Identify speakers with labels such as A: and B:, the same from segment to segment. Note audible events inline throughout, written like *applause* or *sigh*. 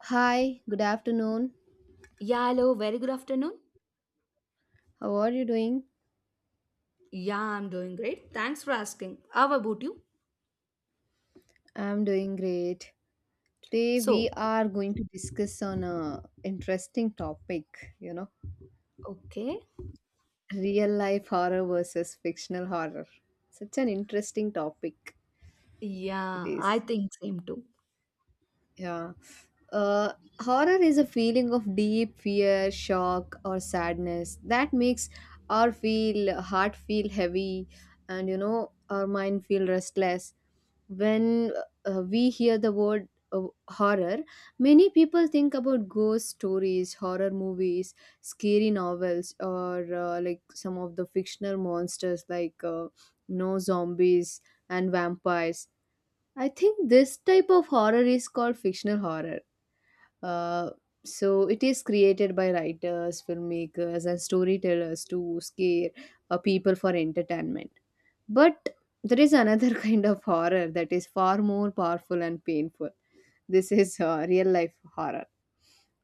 A: Hi, good afternoon.
B: Yeah, hello, very good afternoon.
A: How are you doing?
B: Yeah, I'm doing great. Thanks for asking. How about you?
A: I'm doing great. Today
B: So,
A: we are going to discuss on a interesting topic, you know,
B: okay.
A: real life horror versus fictional horror. Such an interesting topic it
B: Yeah, I
A: is.
B: think same too.
A: Yeah. Uh, Horror is a feeling of deep fear, shock, or sadness that makes our feel heart feel heavy, and our mind feel restless. When we hear the word horror, many people think about ghost stories, horror movies, scary novels, or like some of the fictional monsters like no zombies and vampires. I think this type of horror is called fictional horror. Uh, so it is created by writers, filmmakers, and storytellers to scare people for entertainment. But there is another *laughs* kind of horror that is far more powerful and painful. This is real life horror.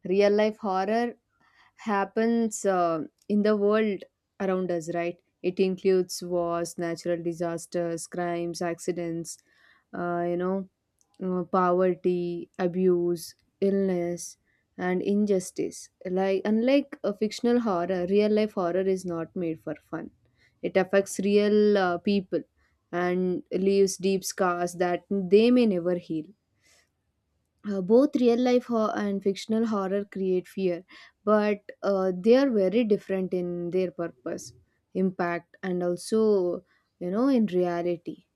A: Real life horror happens in the world around us, right? It includes wars, natural disasters, crimes, accidents, uh, you know, poverty, abuse, illness, and injustice. Like unlike a fictional horror, real life horror is not made for fun. It affects real people and leaves deep scars that they may never heal. Both real life and fictional horror create fear, but they are very different in their purpose, impact, and also, in reality.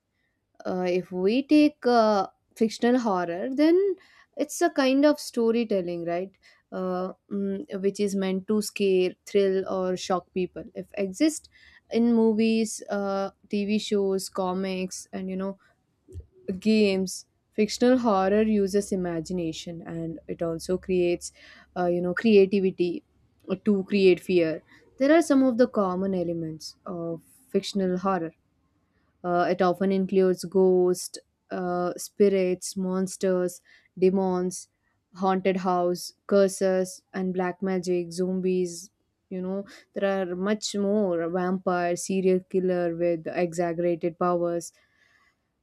A: If we take fictional horror, then it's a kind of storytelling, right? Which is meant to scare, thrill, or shock people. If exist in movies, TV shows, comics, and games, fictional horror uses imagination, and it also creates, creativity to create fear. There are some of the common elements of fictional horror. It often includes ghosts, spirits, monsters, demons, haunted house, curses, and black magic, zombies. You know, there are much more vampire, serial killer with exaggerated powers.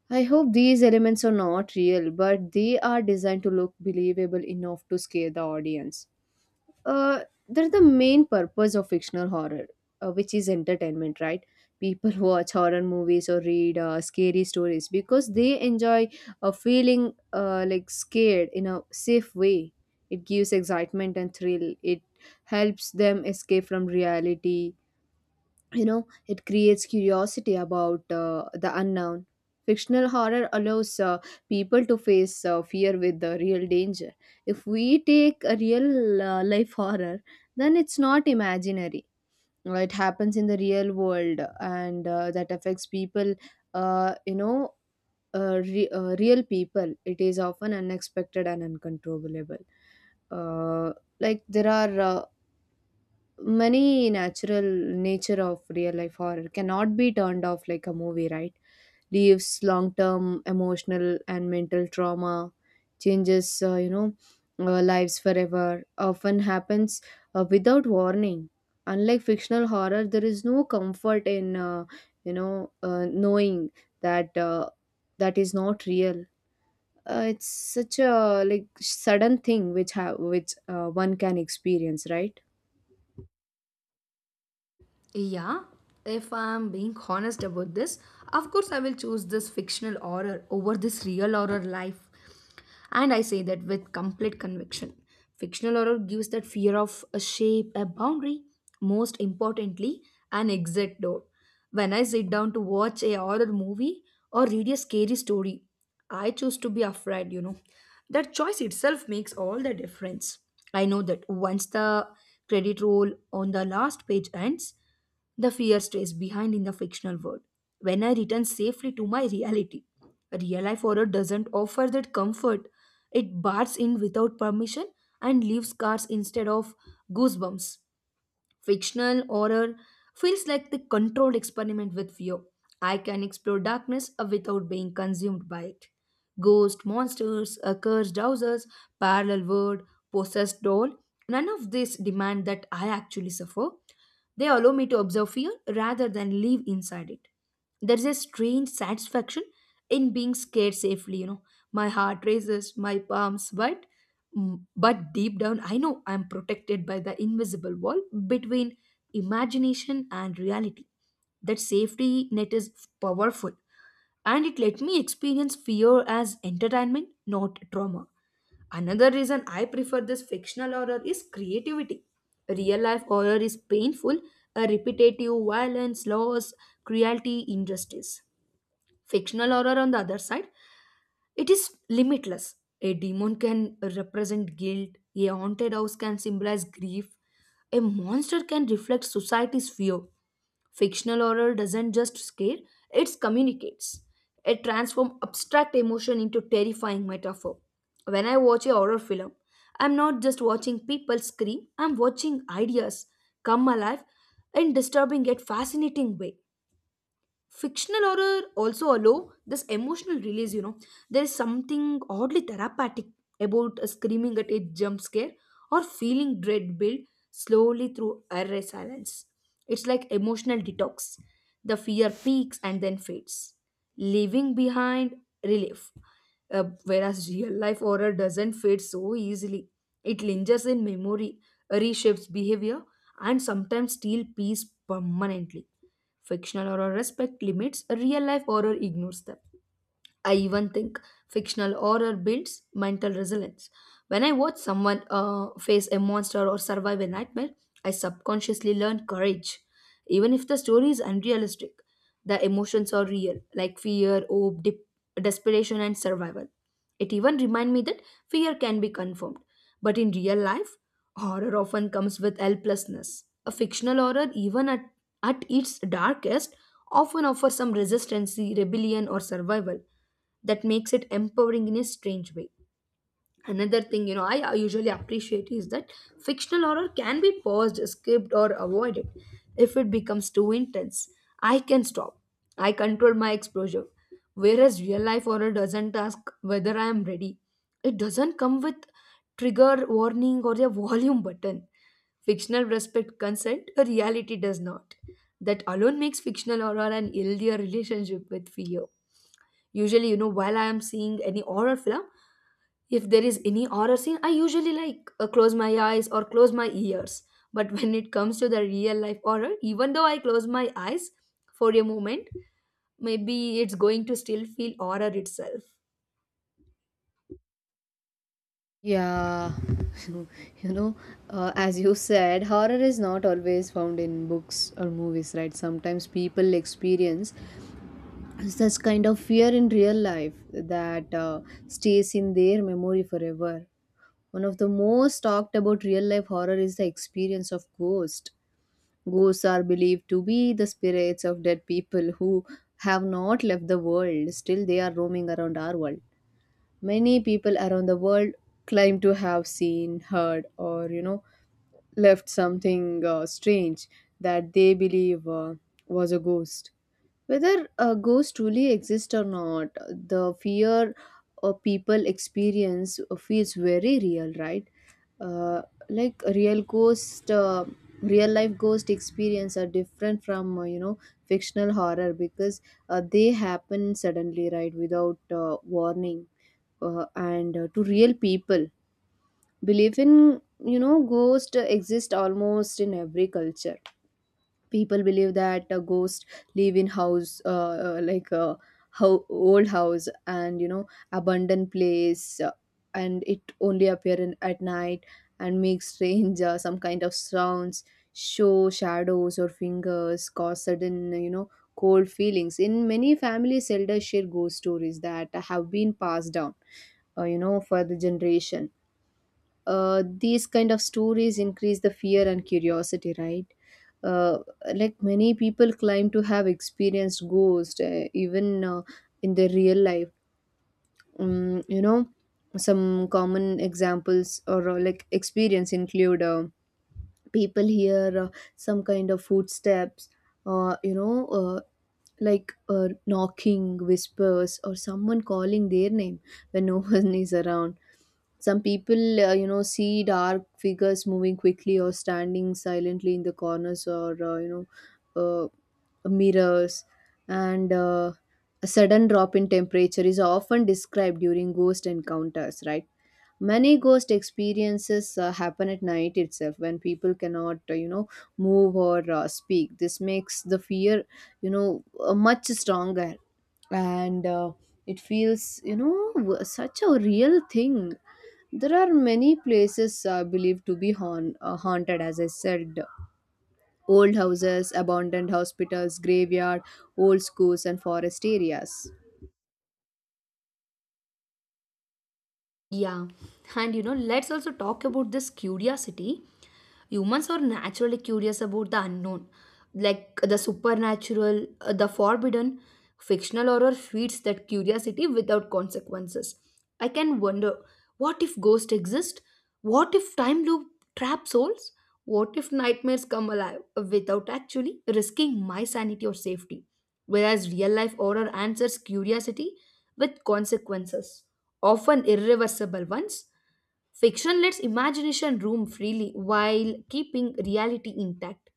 A: I hope these elements are not real, but they are designed to look believable enough to scare the audience. uh, that's the main purpose of fictional horror, which is entertainment, right? People *laughs* watch horror movies or read scary stories because they enjoy feeling like scared in a safe way. It gives excitement and thrill. It helps them escape from reality. It creates curiosity about the unknown. Fictional horror allows people to face fear with the real danger. If we take a real life horror, then it's not imaginary. It happens in the real world and that affects people, uh, you know real people. It is often unexpected and uncontrollable. uh, like there are many natural nature of real life horror cannot be turned off like a movie, right? Leaves long term emotional and mental trauma, changes, lives forever, often happens without warning. Unlike fictional horror, there is no comfort in, knowing that that is not real. It's such a like sudden thing which one can experience, right?
B: Yeah, if I'm being honest about this, of course I will choose this fictional horror over this real horror life. And I say that with complete conviction. Fictional horror gives that fear of a shape, a boundary, most importantly, an exit door. When I sit down to watch a horror movie or read a scary story, I choose to be afraid, you know. That choice itself makes all the difference. I know that once the credit roll on the last page ends, the fear stays behind in the fictional world. When I return safely to my reality, real life horror doesn't offer that comfort. It barges in without permission and leaves scars instead of goosebumps. Fictional horror feels like the controlled experiment with fear. I can explore darkness without being consumed by it. Ghost, monsters, accursed houses, parallel world, possessed doll, none of this demand that I actually suffer. They allow me to observe fear rather than live inside it. There's a strange satisfaction in being scared safely, you know. My heart races, my palms, but deep down I know I'm protected by the invisible wall between imagination and reality. That safety net is powerful, and it let me experience fear as entertainment, not trauma. Another reason I prefer this fictional horror is creativity. Real life horror is painful, a repetitive violence, loss, cruelty, injustice. Fictional horror, on the other side, it is limitless. A demon can represent guilt, a haunted house can symbolize grief, a monster can reflect society's fear. Fictional horror doesn't just scare, it communicates. It transforms abstract emotion into terrifying metaphor. When I watch a horror film, I'm not just watching people scream, I'm watching ideas come alive in disturbing yet fascinating way. Fictional horror also allow this emotional release, you know. There is something oddly therapeutic about screaming at a jump scare or feeling dread build slowly through array silence. It's like emotional detox. The fear peaks and then fades, leaving behind relief. Whereas real life horror doesn't fade so easily. It lingers in memory, reshapes behavior, and sometimes steals peace permanently. Fictional horror respects limits, real life horror ignores them. I even think fictional horror builds mental resilience. When I watch someone face a monster or survive a nightmare, I subconsciously learn courage. Even if the story is unrealistic, the emotions are real, like fear, hope, desperation, and survival. It even reminds me that fear can be confirmed. But in real life, horror often comes with helplessness. A fictional horror, even at its darkest, often offers some resistance, rebellion, or survival that makes it empowering in a strange way. Another thing, you know, I usually appreciate is that fictional horror can be paused, skipped or avoided. If it becomes too intense, I can stop. I control my exposure, whereas real life horror doesn't ask whether I am ready. It doesn't come with trigger warning or a volume button. Fictional respect consent, a reality does not. That alone makes fictional horror an healthier relationship with fear. Usually, you know, while I am seeing any horror film, if there is any horror scene, I usually like close my eyes or close my ears. But when it comes to the real life horror, even though I close my eyes for a moment, maybe it's going to still feel horror itself.
A: Yeah, *laughs* you know, as you said, horror is not always found in books or movies, right? Sometimes people experience such kind of fear in real life that stays in their memory forever. One of the most talked about real life horror is the experience of ghosts. Ghosts are believed to be the spirits of dead people who have not left the world. Still, they are roaming around our world. Many people around the world claim to have seen, heard, or left something strange that they believe was a ghost. Whether a ghost truly exists or not, the fear people experience feels very real, right? Uh, like a real ghost, real life ghost experience are different from fictional horror because they happen suddenly, right, without warning, and to real people. Belief in ghost exist almost in every culture. People believe that a ghost live in house, like how old house and abandoned place, and it only appear in, at night and make strange, some kind of sounds, show shadows or fingers, cause sudden, cold feelings. In many families, elders share ghost stories that have been passed down for the generation. These kind of stories increase the fear and curiosity, right? uh, like many people claim to have experienced ghosts even in their real life. um, you know some common examples or like experience include people hear some kind of footsteps, uh, you know uh, like knocking, whispers, or someone calling their name when no *laughs* one is around. Some people, see dark figures moving quickly or standing silently in the corners or, know, uh, mirrors. And a sudden drop in temperature is often described during ghost encounters, right? Many ghost experiences happen at night itself when people cannot, move or speak. This makes the fear, much stronger. And it feels, such a real thing. There are many places believed to be haunted, as I said. Old houses, abandoned hospitals, graveyard, old schools, and forest areas.
B: Yeah, and you know, let's also talk about this curiosity. Humans are naturally curious about the unknown, like the supernatural, the forbidden. Fictional horror feeds that curiosity without consequences. I can wonder, what if ghosts exist? What if time loop trap souls? What if nightmares come alive without actually risking my sanity or safety? Whereas real life horror answers curiosity with consequences, often irreversible ones. Fiction lets imagination roam freely while keeping reality intact.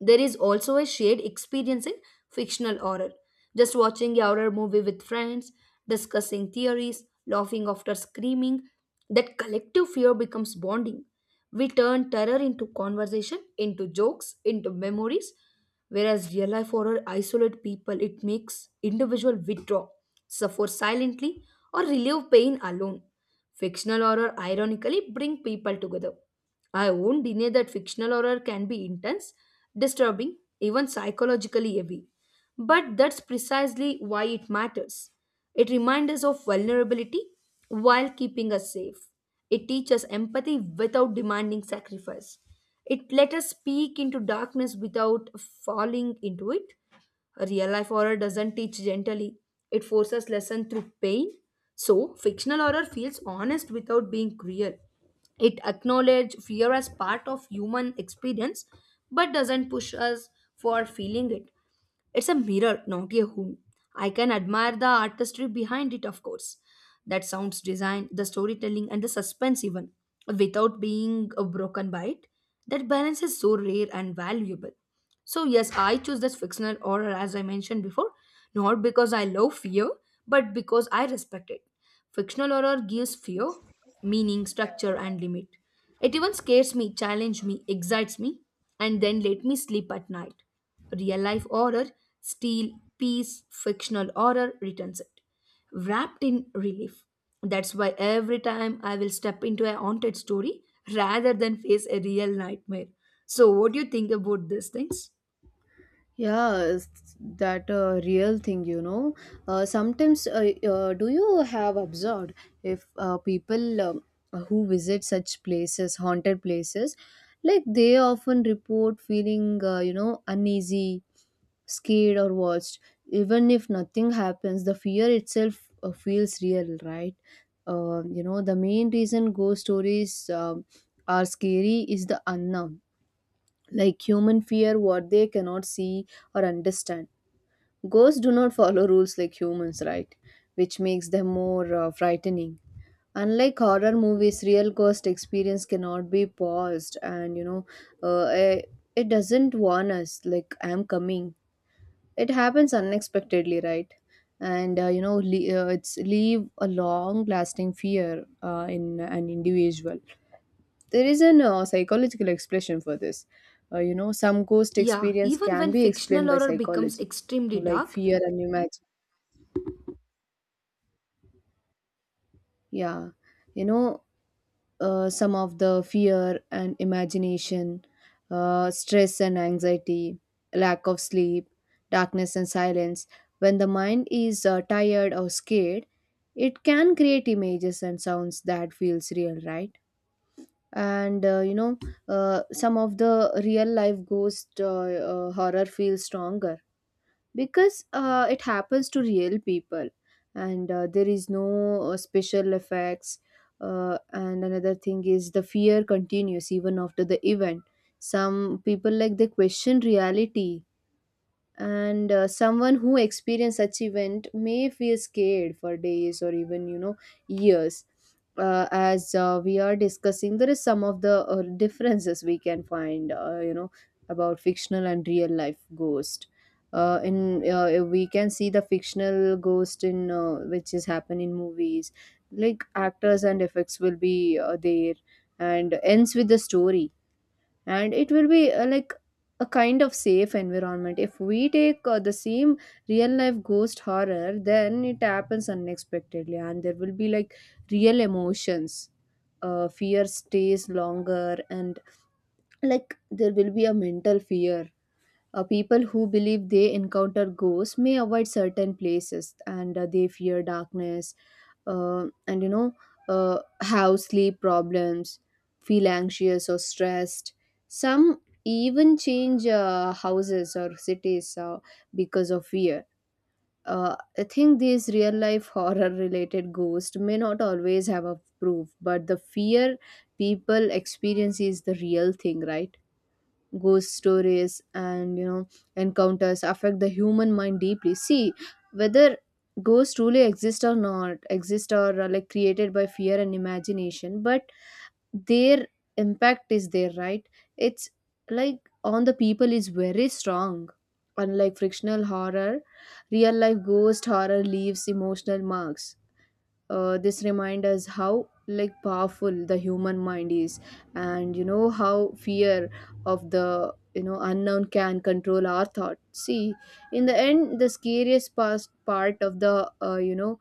B: There is also a shared experience in fictional horror. Just watching a horror movie with friends, discussing theories, laughing after screaming, that collective fear becomes bonding. We turn terror into conversation, into jokes, into memories, whereas real life horror isolates people. It makes individual withdraw, suffer silently, or relieve pain alone. Fictional horror ironically bring people together. I won't deny that fictional horror can be intense, disturbing, even psychologically heavy. But that's precisely why it matters. It reminds us of vulnerability while keeping us safe. It teaches empathy without demanding sacrifice. It lets us peek into darkness without falling into it. Real life horror doesn't teach gently, it forces lesson through pain. So, fictional horror feels honest without being cruel. It acknowledges fear as part of human experience but doesn't push us for feeling it. It's a mirror, not a home. I can admire the artistry behind it, of course. That sounds design, the storytelling, and the suspense, even without being broken by it. That balance is so rare and valuable. So, yes, I choose this fictional horror as I mentioned before, not because I love fear, but because I respect it. Fictional horror gives fear, meaning, structure, and limit. It even scares me, challenges me, excites me, and then let me sleep at night. Real life horror, steal, peace, fictional horror returns it. Wrapped in relief. That's why every time I will step into a haunted story rather than face a real nightmare. So, what do you think about these things?
A: Yeah, it's that a real thing, you know. Sometimes, do you have observed if people who visit such places, haunted places, like they often report feeling, uneasy, scared or watched, even if nothing happens. The fear itself feels real, right? You know, the main reason ghost stories are scary is the unknown. Like human fear what they cannot see or understand. Ghosts do not follow rules like humans, right? Which makes them more frightening. Unlike horror movies, real ghost experience cannot be paused, and uh, eh, it doesn't warn us like I'm coming. It happens unexpectedly, right? And it's leave a long lasting fear in an individual. There is an psychological expression for this. You know, some ghost
B: Yeah,
A: experience
B: even
A: can
B: when
A: be
B: fictional
A: explained by
B: horror becomes
A: psychology,
B: extremely
A: like
B: dark,
A: fear and imagine. Yeah, you know, some of the fear and imagination, stress and anxiety, lack of sleep, darkness and silence. When the mind is tired or scared, it can create images and sounds that feels real, right? And some of the real life ghost horror feels stronger because it happens to real people, and there is no special effects. And another thing is the fear continues even after the event. Some people like they question reality, and someone who experienced such event may feel scared for days or even years. As we are discussing, there is some of the differences we can find about fictional and real life ghost. In We can see the fictional ghost in which is happen in movies, like actors and effects will be there and ends with the story, and it will be like a kind of safe environment. If we take the same real life ghost horror, then it happens unexpectedly and there will be like real emotions. Fear stays longer, and like there will be a mental fear. People who believe they encounter ghosts may avoid certain places and they fear darkness and you know have sleep problems, feel anxious or stressed. Some even change houses or cities because of fear. I think these real life *laughs* horror related ghosts may not always have a proof, but the fear people experience is the real thing, right? Ghost stories and encounters affect the human mind deeply. See whether ghosts truly exist or not exist or are like created by fear and imagination, but their impact is there, right? It's like on the people is very strong. Unlike frictional horror, real life ghost horror leaves emotional marks. This reminds us how like powerful the human mind is, and how fear of the unknown can control our thought. See, in the end, the scariest past part of the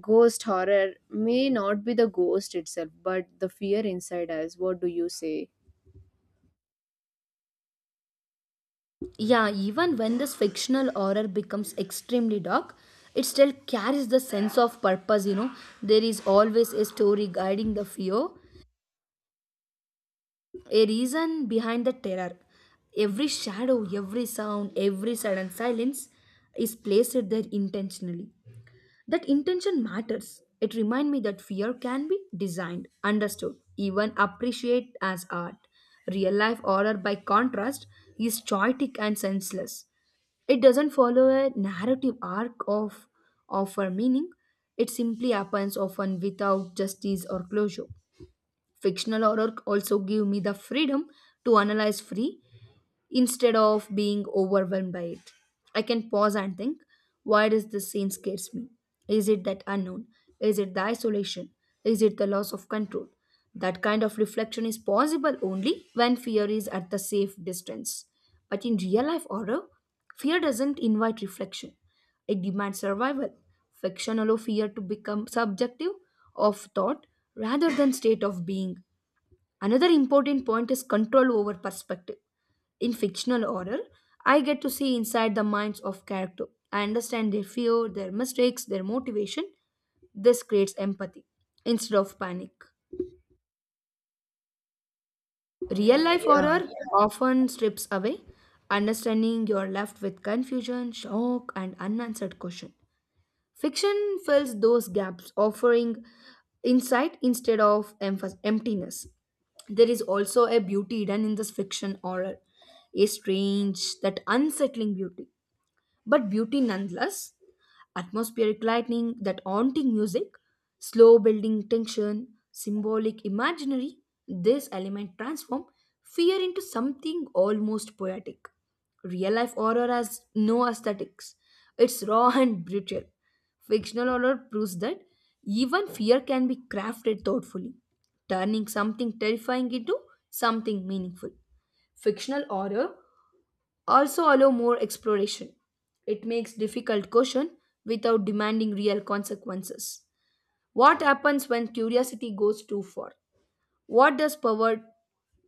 A: ghost horror may not be the ghost itself but the fear inside us. What do you say?
B: Yeah, even when this fictional horror becomes extremely dark, it still carries the sense of purpose, you know. There is always a story guiding the fear, a reason behind the terror. Every shadow, every sound, every sudden silence is placed there intentionally. That intention matters. It reminds me that fear can be designed, understood, even appreciated as art. Real life horror, by contrast, is chaotic and senseless. It doesn't follow a narrative arc of offer meaning. It simply happens often without justice or closure. Fictional horror also give me the freedom to analyze free instead of being overwhelmed by it. I can pause and think, why does this scene scares me? Is it that unknown? Is it the isolation? Is it the loss of control? That kind of reflection is possible only when fear is at the safe distance. But in real life horror, fear doesn't invite reflection. It demands survival, fiction allow fear to become subjective of thought rather than state of being. Another important point is control over perspective. In fictional horror, I get to see inside the minds of character. I understand their fear, their mistakes, their motivation. This creates empathy instead of panic. Real life
A: Yeah.
B: horror often strips away understanding. You're left with confusion, shock, and unanswered question. Fiction fills those gaps, offering insight instead of emptiness. There is also a beauty hidden in this fiction horror, a strange, that unsettling beauty, but beauty nonetheless. Atmospheric lightning, that haunting music, slow building tension, symbolic imaginary, this element transform fear into something almost poetic. Real life horror has no aesthetics. It's raw *laughs* and brutal. Fictional horror proves that even fear can be crafted thoughtfully, turning something terrifying into something meaningful. Fictional horror also allow more exploration. It makes difficult question without demanding real consequences. What happens when curiosity goes too far? What does power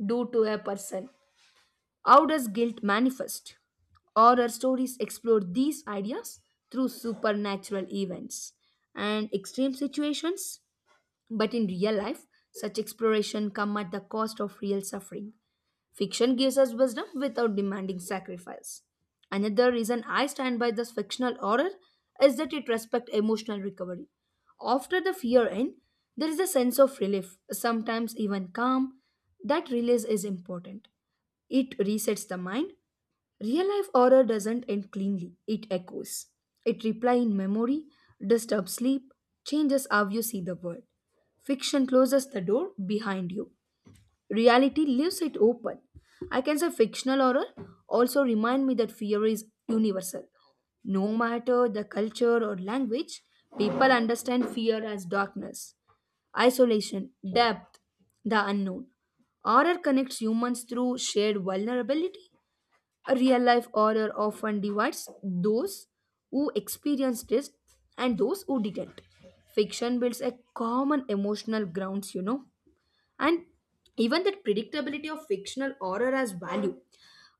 B: do to a person? How does guilt manifest? Or our stories explore these ideas through supernatural events and extreme situations. But in real life, such exploration come at the cost of real suffering. Fiction gives us wisdom without demanding sacrifice. Another reason I stand by this fictional horror is that it respects emotional recovery. After the fear end, there is a sense of relief, sometimes even calm. That release is important. It resets the mind. Real life horror doesn't end cleanly, it echoes. It replies in memory, disturbs sleep, changes how you see the world. Fiction closes the door behind you. Reality leaves it open. I can say fictional horror also remind me that fear is universal. No matter the culture or language, people understand fear as darkness, isolation, depth, the unknown. Horror connects humans through shared vulnerability. A real life horror often divides those who experienced it and those who didn't. Fiction builds a common emotional grounds, you know. And even that predictability of fictional horror has value.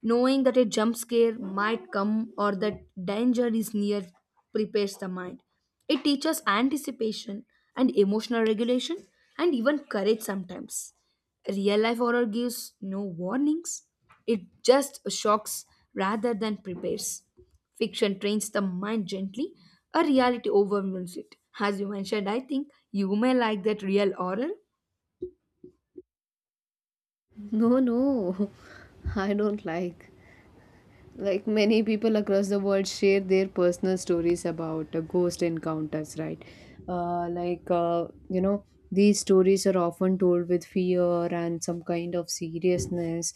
B: Knowing that a jump scare might come or that danger is near prepares the mind. It teaches anticipation and emotional regulation and even courage sometimes. Real life horror gives no warnings, it just shocks rather than prepares. Fiction trains the mind gently, a reality overwhelms it. As you mentioned, I think you may like that real horror.
A: No, no, *laughs* I don't like. Like, many people across the world share their personal stories about ghost encounters, right? uh, like uh, you know these stories are often told with fear and some kind of seriousness,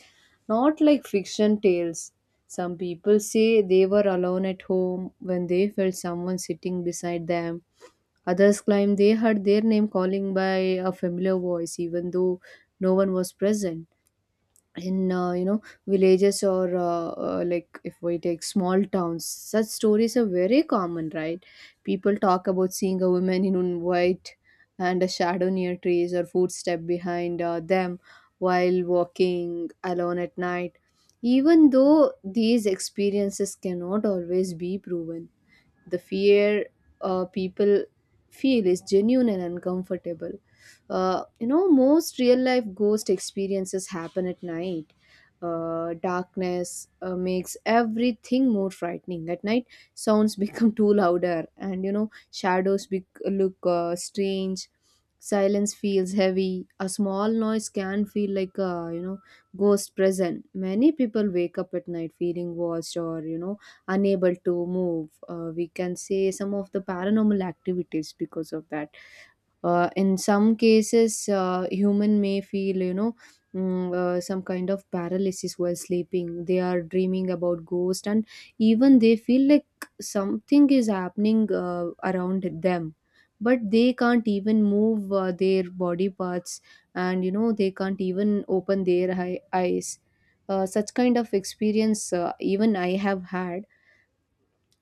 A: not like fiction tales. Some people say they were alone at home when they felt someone sitting beside them. Others claim they heard their name calling by a familiar voice even though no one was present. In villages or like if we take small towns, such stories are very common, right? People talk about seeing a woman in white and a shadow near trees or footstep behind them while walking alone at night. Even though these experiences cannot always be proven, the fear people feel is genuine and uncomfortable. Most real life ghost experiences happen at night. Darkness makes everything more frightening at night. Sounds *laughs* become too louder, and you know, shadows bec look strange. Silence feels heavy, a small noise can feel like a, you know, ghost present. Many people wake up at night feeling watched or, you know, unable to move. We can say some of the paranormal activities because of that. In some cases, human may feel, you know, some kind of paralysis while sleeping. They are dreaming about ghosts, and even they feel like something is happening around them. But they can't even move their body parts, and, you know, they can't even open their eyes. Such kind of experience, even I have had,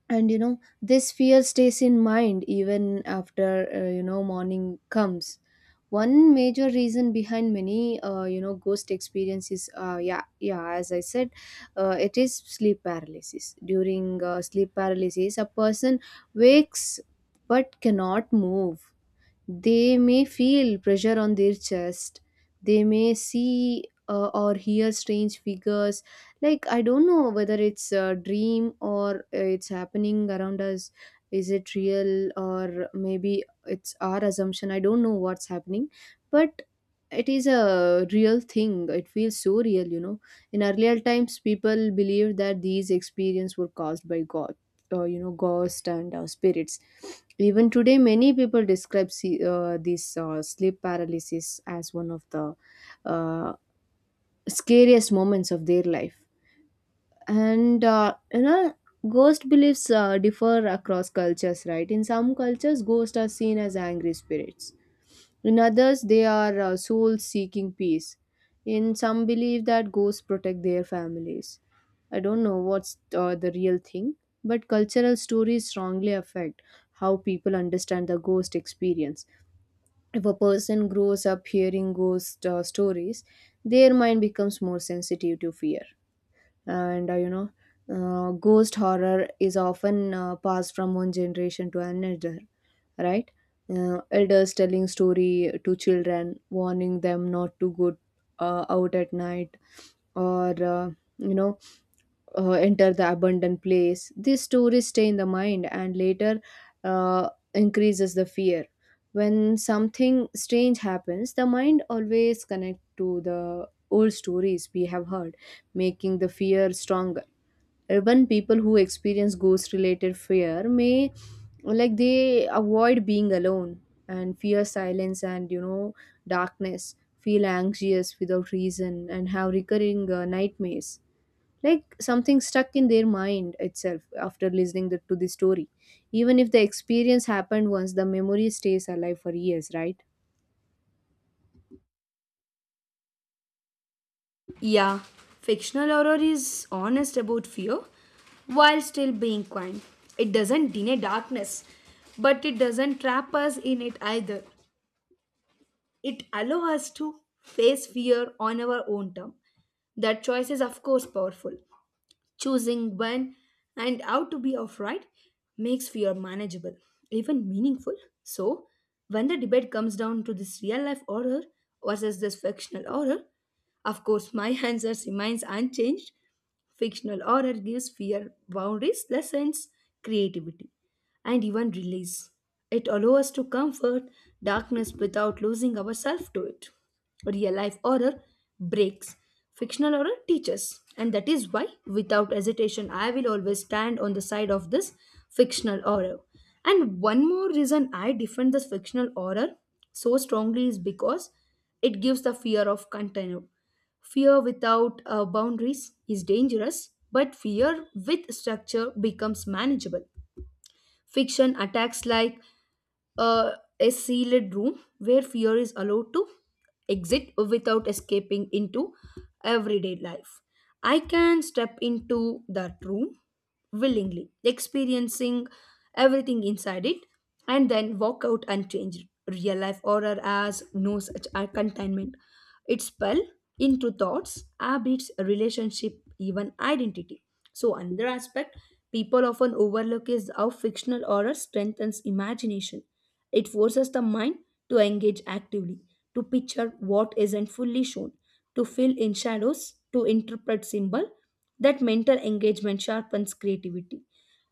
A: and you know, this fear stays in mind even after morning comes. One major reason behind many, ghost experiences, yeah, as I said, it is sleep paralysis. During sleep paralysis, a person wakes but cannot move. They may feel pressure on their chest. They may see or hear strange figures. Like, I don't know whether it's a dream or it's happening around us. Is it real, or maybe it's our assumption? I don't know what's happening. But it is a real thing. It feels so real, you know. In earlier times, people believed that these experiences were caused by God, ghosts and spirits. Even today many people describe this sleep paralysis as one of the uh, scariest moments of their life. And, you know ghost beliefs differ across cultures right in some cultures ghosts are seen as angry spirits in others they are souls seeking peace in some believe that ghosts protect their families I don't know what's the real thing but cultural stories strongly affect how people understand the ghost experience if a person grows up hearing ghost stories their mind becomes more sensitive to fear and you know, ghost horror is often passed from one generation to another, right? Elders telling story to children, warning them not to go out at night, or you know enter the abandoned place. These stories stay in the mind and later increases the fear. When something strange happens, the mind always connect to the old stories we have heard, making the fear stronger. Urban people who experience ghost related fear may, like, they avoid being alone and fear silence, and you know, darkness, feel anxious without reason, and have recurring nightmares, like something stuck in their mind itself after listening to the story. Even if the experience happened once, the memory stays alive for years, right?
B: Yeah, fictional horror is honest about fear while still being kind. It doesn't deny darkness, but it doesn't trap us in it either. It allows us to face fear on our own term. That choice is, of course, powerful. Choosing when and how to be outright makes fear manageable, even meaningful. So, when the debate comes down to this real life horror versus this fictional horror, of course, my *laughs* answer remains unchanged. Fictional horror gives fear boundaries, lessons, creativity and even release. It allows us to comfort darkness without losing ourselves to it. Real life horror breaks, fictional horror teaches, and that is why, without hesitation, I will always stand on the side of this fictional horror. And one more reason I defend this fictional horror so strongly is because it gives the fear of container. Fear without boundaries is dangerous, but fear with structure becomes manageable. Fiction attacks like uh, a sealed room where fear is allowed to exit without escaping into everyday life. I can step into that room willingly, experiencing everything inside it, and then walk out unchanged. Real life horror has no such a containment. It spell into thoughts, habits, relationship, even identity. So another aspect people often overlook is how fictional horror strengthens imagination. It forces the mind to engage actively, to picture what isn't fully shown, to fill in shadows, to interpret symbol. That mental engagement sharpens creativity.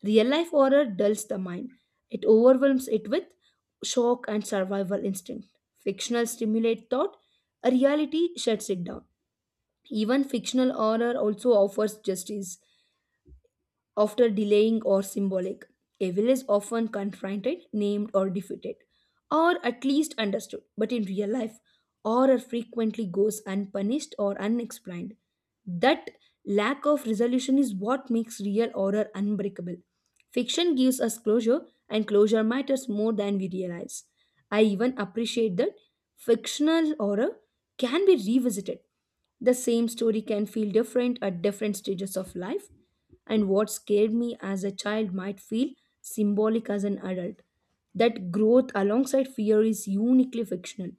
B: Real life horror dulls the mind. It overwhelms it with shock and survival instinct. Fictional stimulate thought, a reality shuts it down. Even fictional horror also offers justice after delaying or symbolic, evil is often confronted, named, or defeated, or at least understood. But in real life, horror frequently goes unpunished or unexplained. That lack of resolution is what makes real horror unbreakable. Fiction gives us closure, and closure matters more than we realize. I even appreciate that fictional horror can be revisited the same story can feel different at different stages of life, and what scared me as a child might feel symbolic as an adult. That growth alongside fear is uniquely fictional.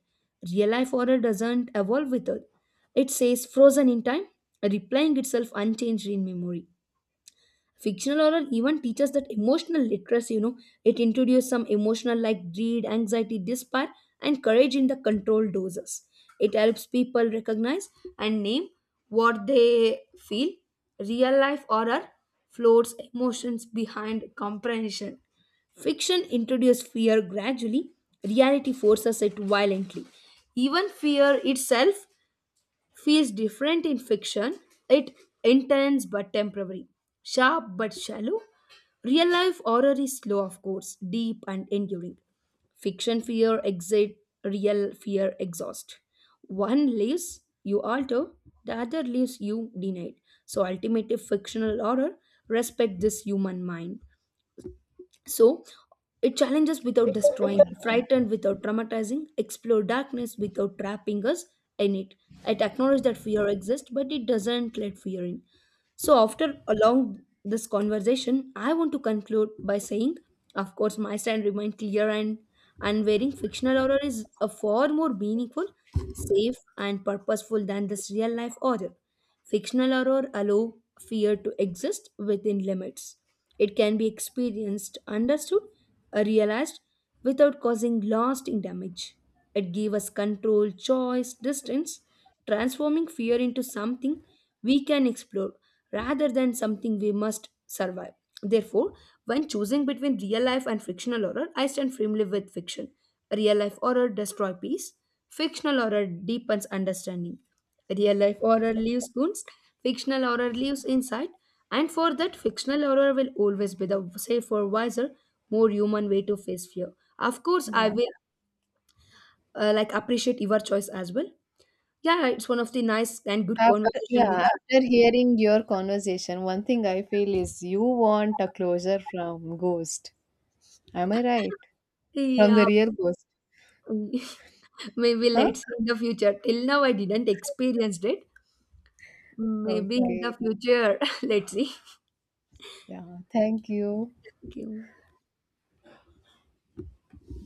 B: Real life horror doesn't evolve with us, it stays frozen in time, replaying itself unchanged in memory fictional horror even teaches that emotional literacy. It introduces some emotional like greed anxiety despair and courage in the controlled doses it helps people recognize and name what they feel real life horror floats emotions behind comprehension. Fiction introduces fear gradually, reality forces it violently. Even fear itself feels different in fiction. It intense but temporary, sharp but shallow. Real life horror is slow, of course, deep and enduring. Fiction fear exit, real fear exhaust. One leaves you alter, the other leaves you denied. So ultimately fictional horror respect this human mind. So it challenges without destroying, frightened without traumatizing, explore darkness without trapping us in it. It acknowledges that fear exists, but it doesn't let fear in. So after along this conversation, I want to conclude by saying, of course, my stand remains clear and unwavering. Fictional horror is a far more meaningful, safe, and purposeful than this real life horror. Fictional horror allows fear to exist within limits. It can be experienced, understood, or realized without causing lasting damage. It gives us control, choice, distance, transforming fear into something we can explore rather than something we must survive. Therefore, when choosing between real life and fictional horror, I stand firmly with fiction. Real life horror destroys peace, fictional horror deepens understanding. Real life horror lives wounds, fictional horror lives inside, and for that, fictional horror will always be the safer, wiser, more human way to face fear. Of course, I will like appreciate your choice as well. Yeah, it's one of the nice and good
A: After,
B: conversation
A: yeah,
B: with
A: after hearing your conversation, one thing I feel is you want a closure from Ghost. Am I right? From
B: Yeah,
A: the real Ghost.
B: *laughs* maybe
A: Huh?
B: let's see in the future. Till now, I didn't experience it. Maybe in the
A: Okay.
B: future, *laughs* let's see.
A: Yeah. Thank you.
B: Thank you.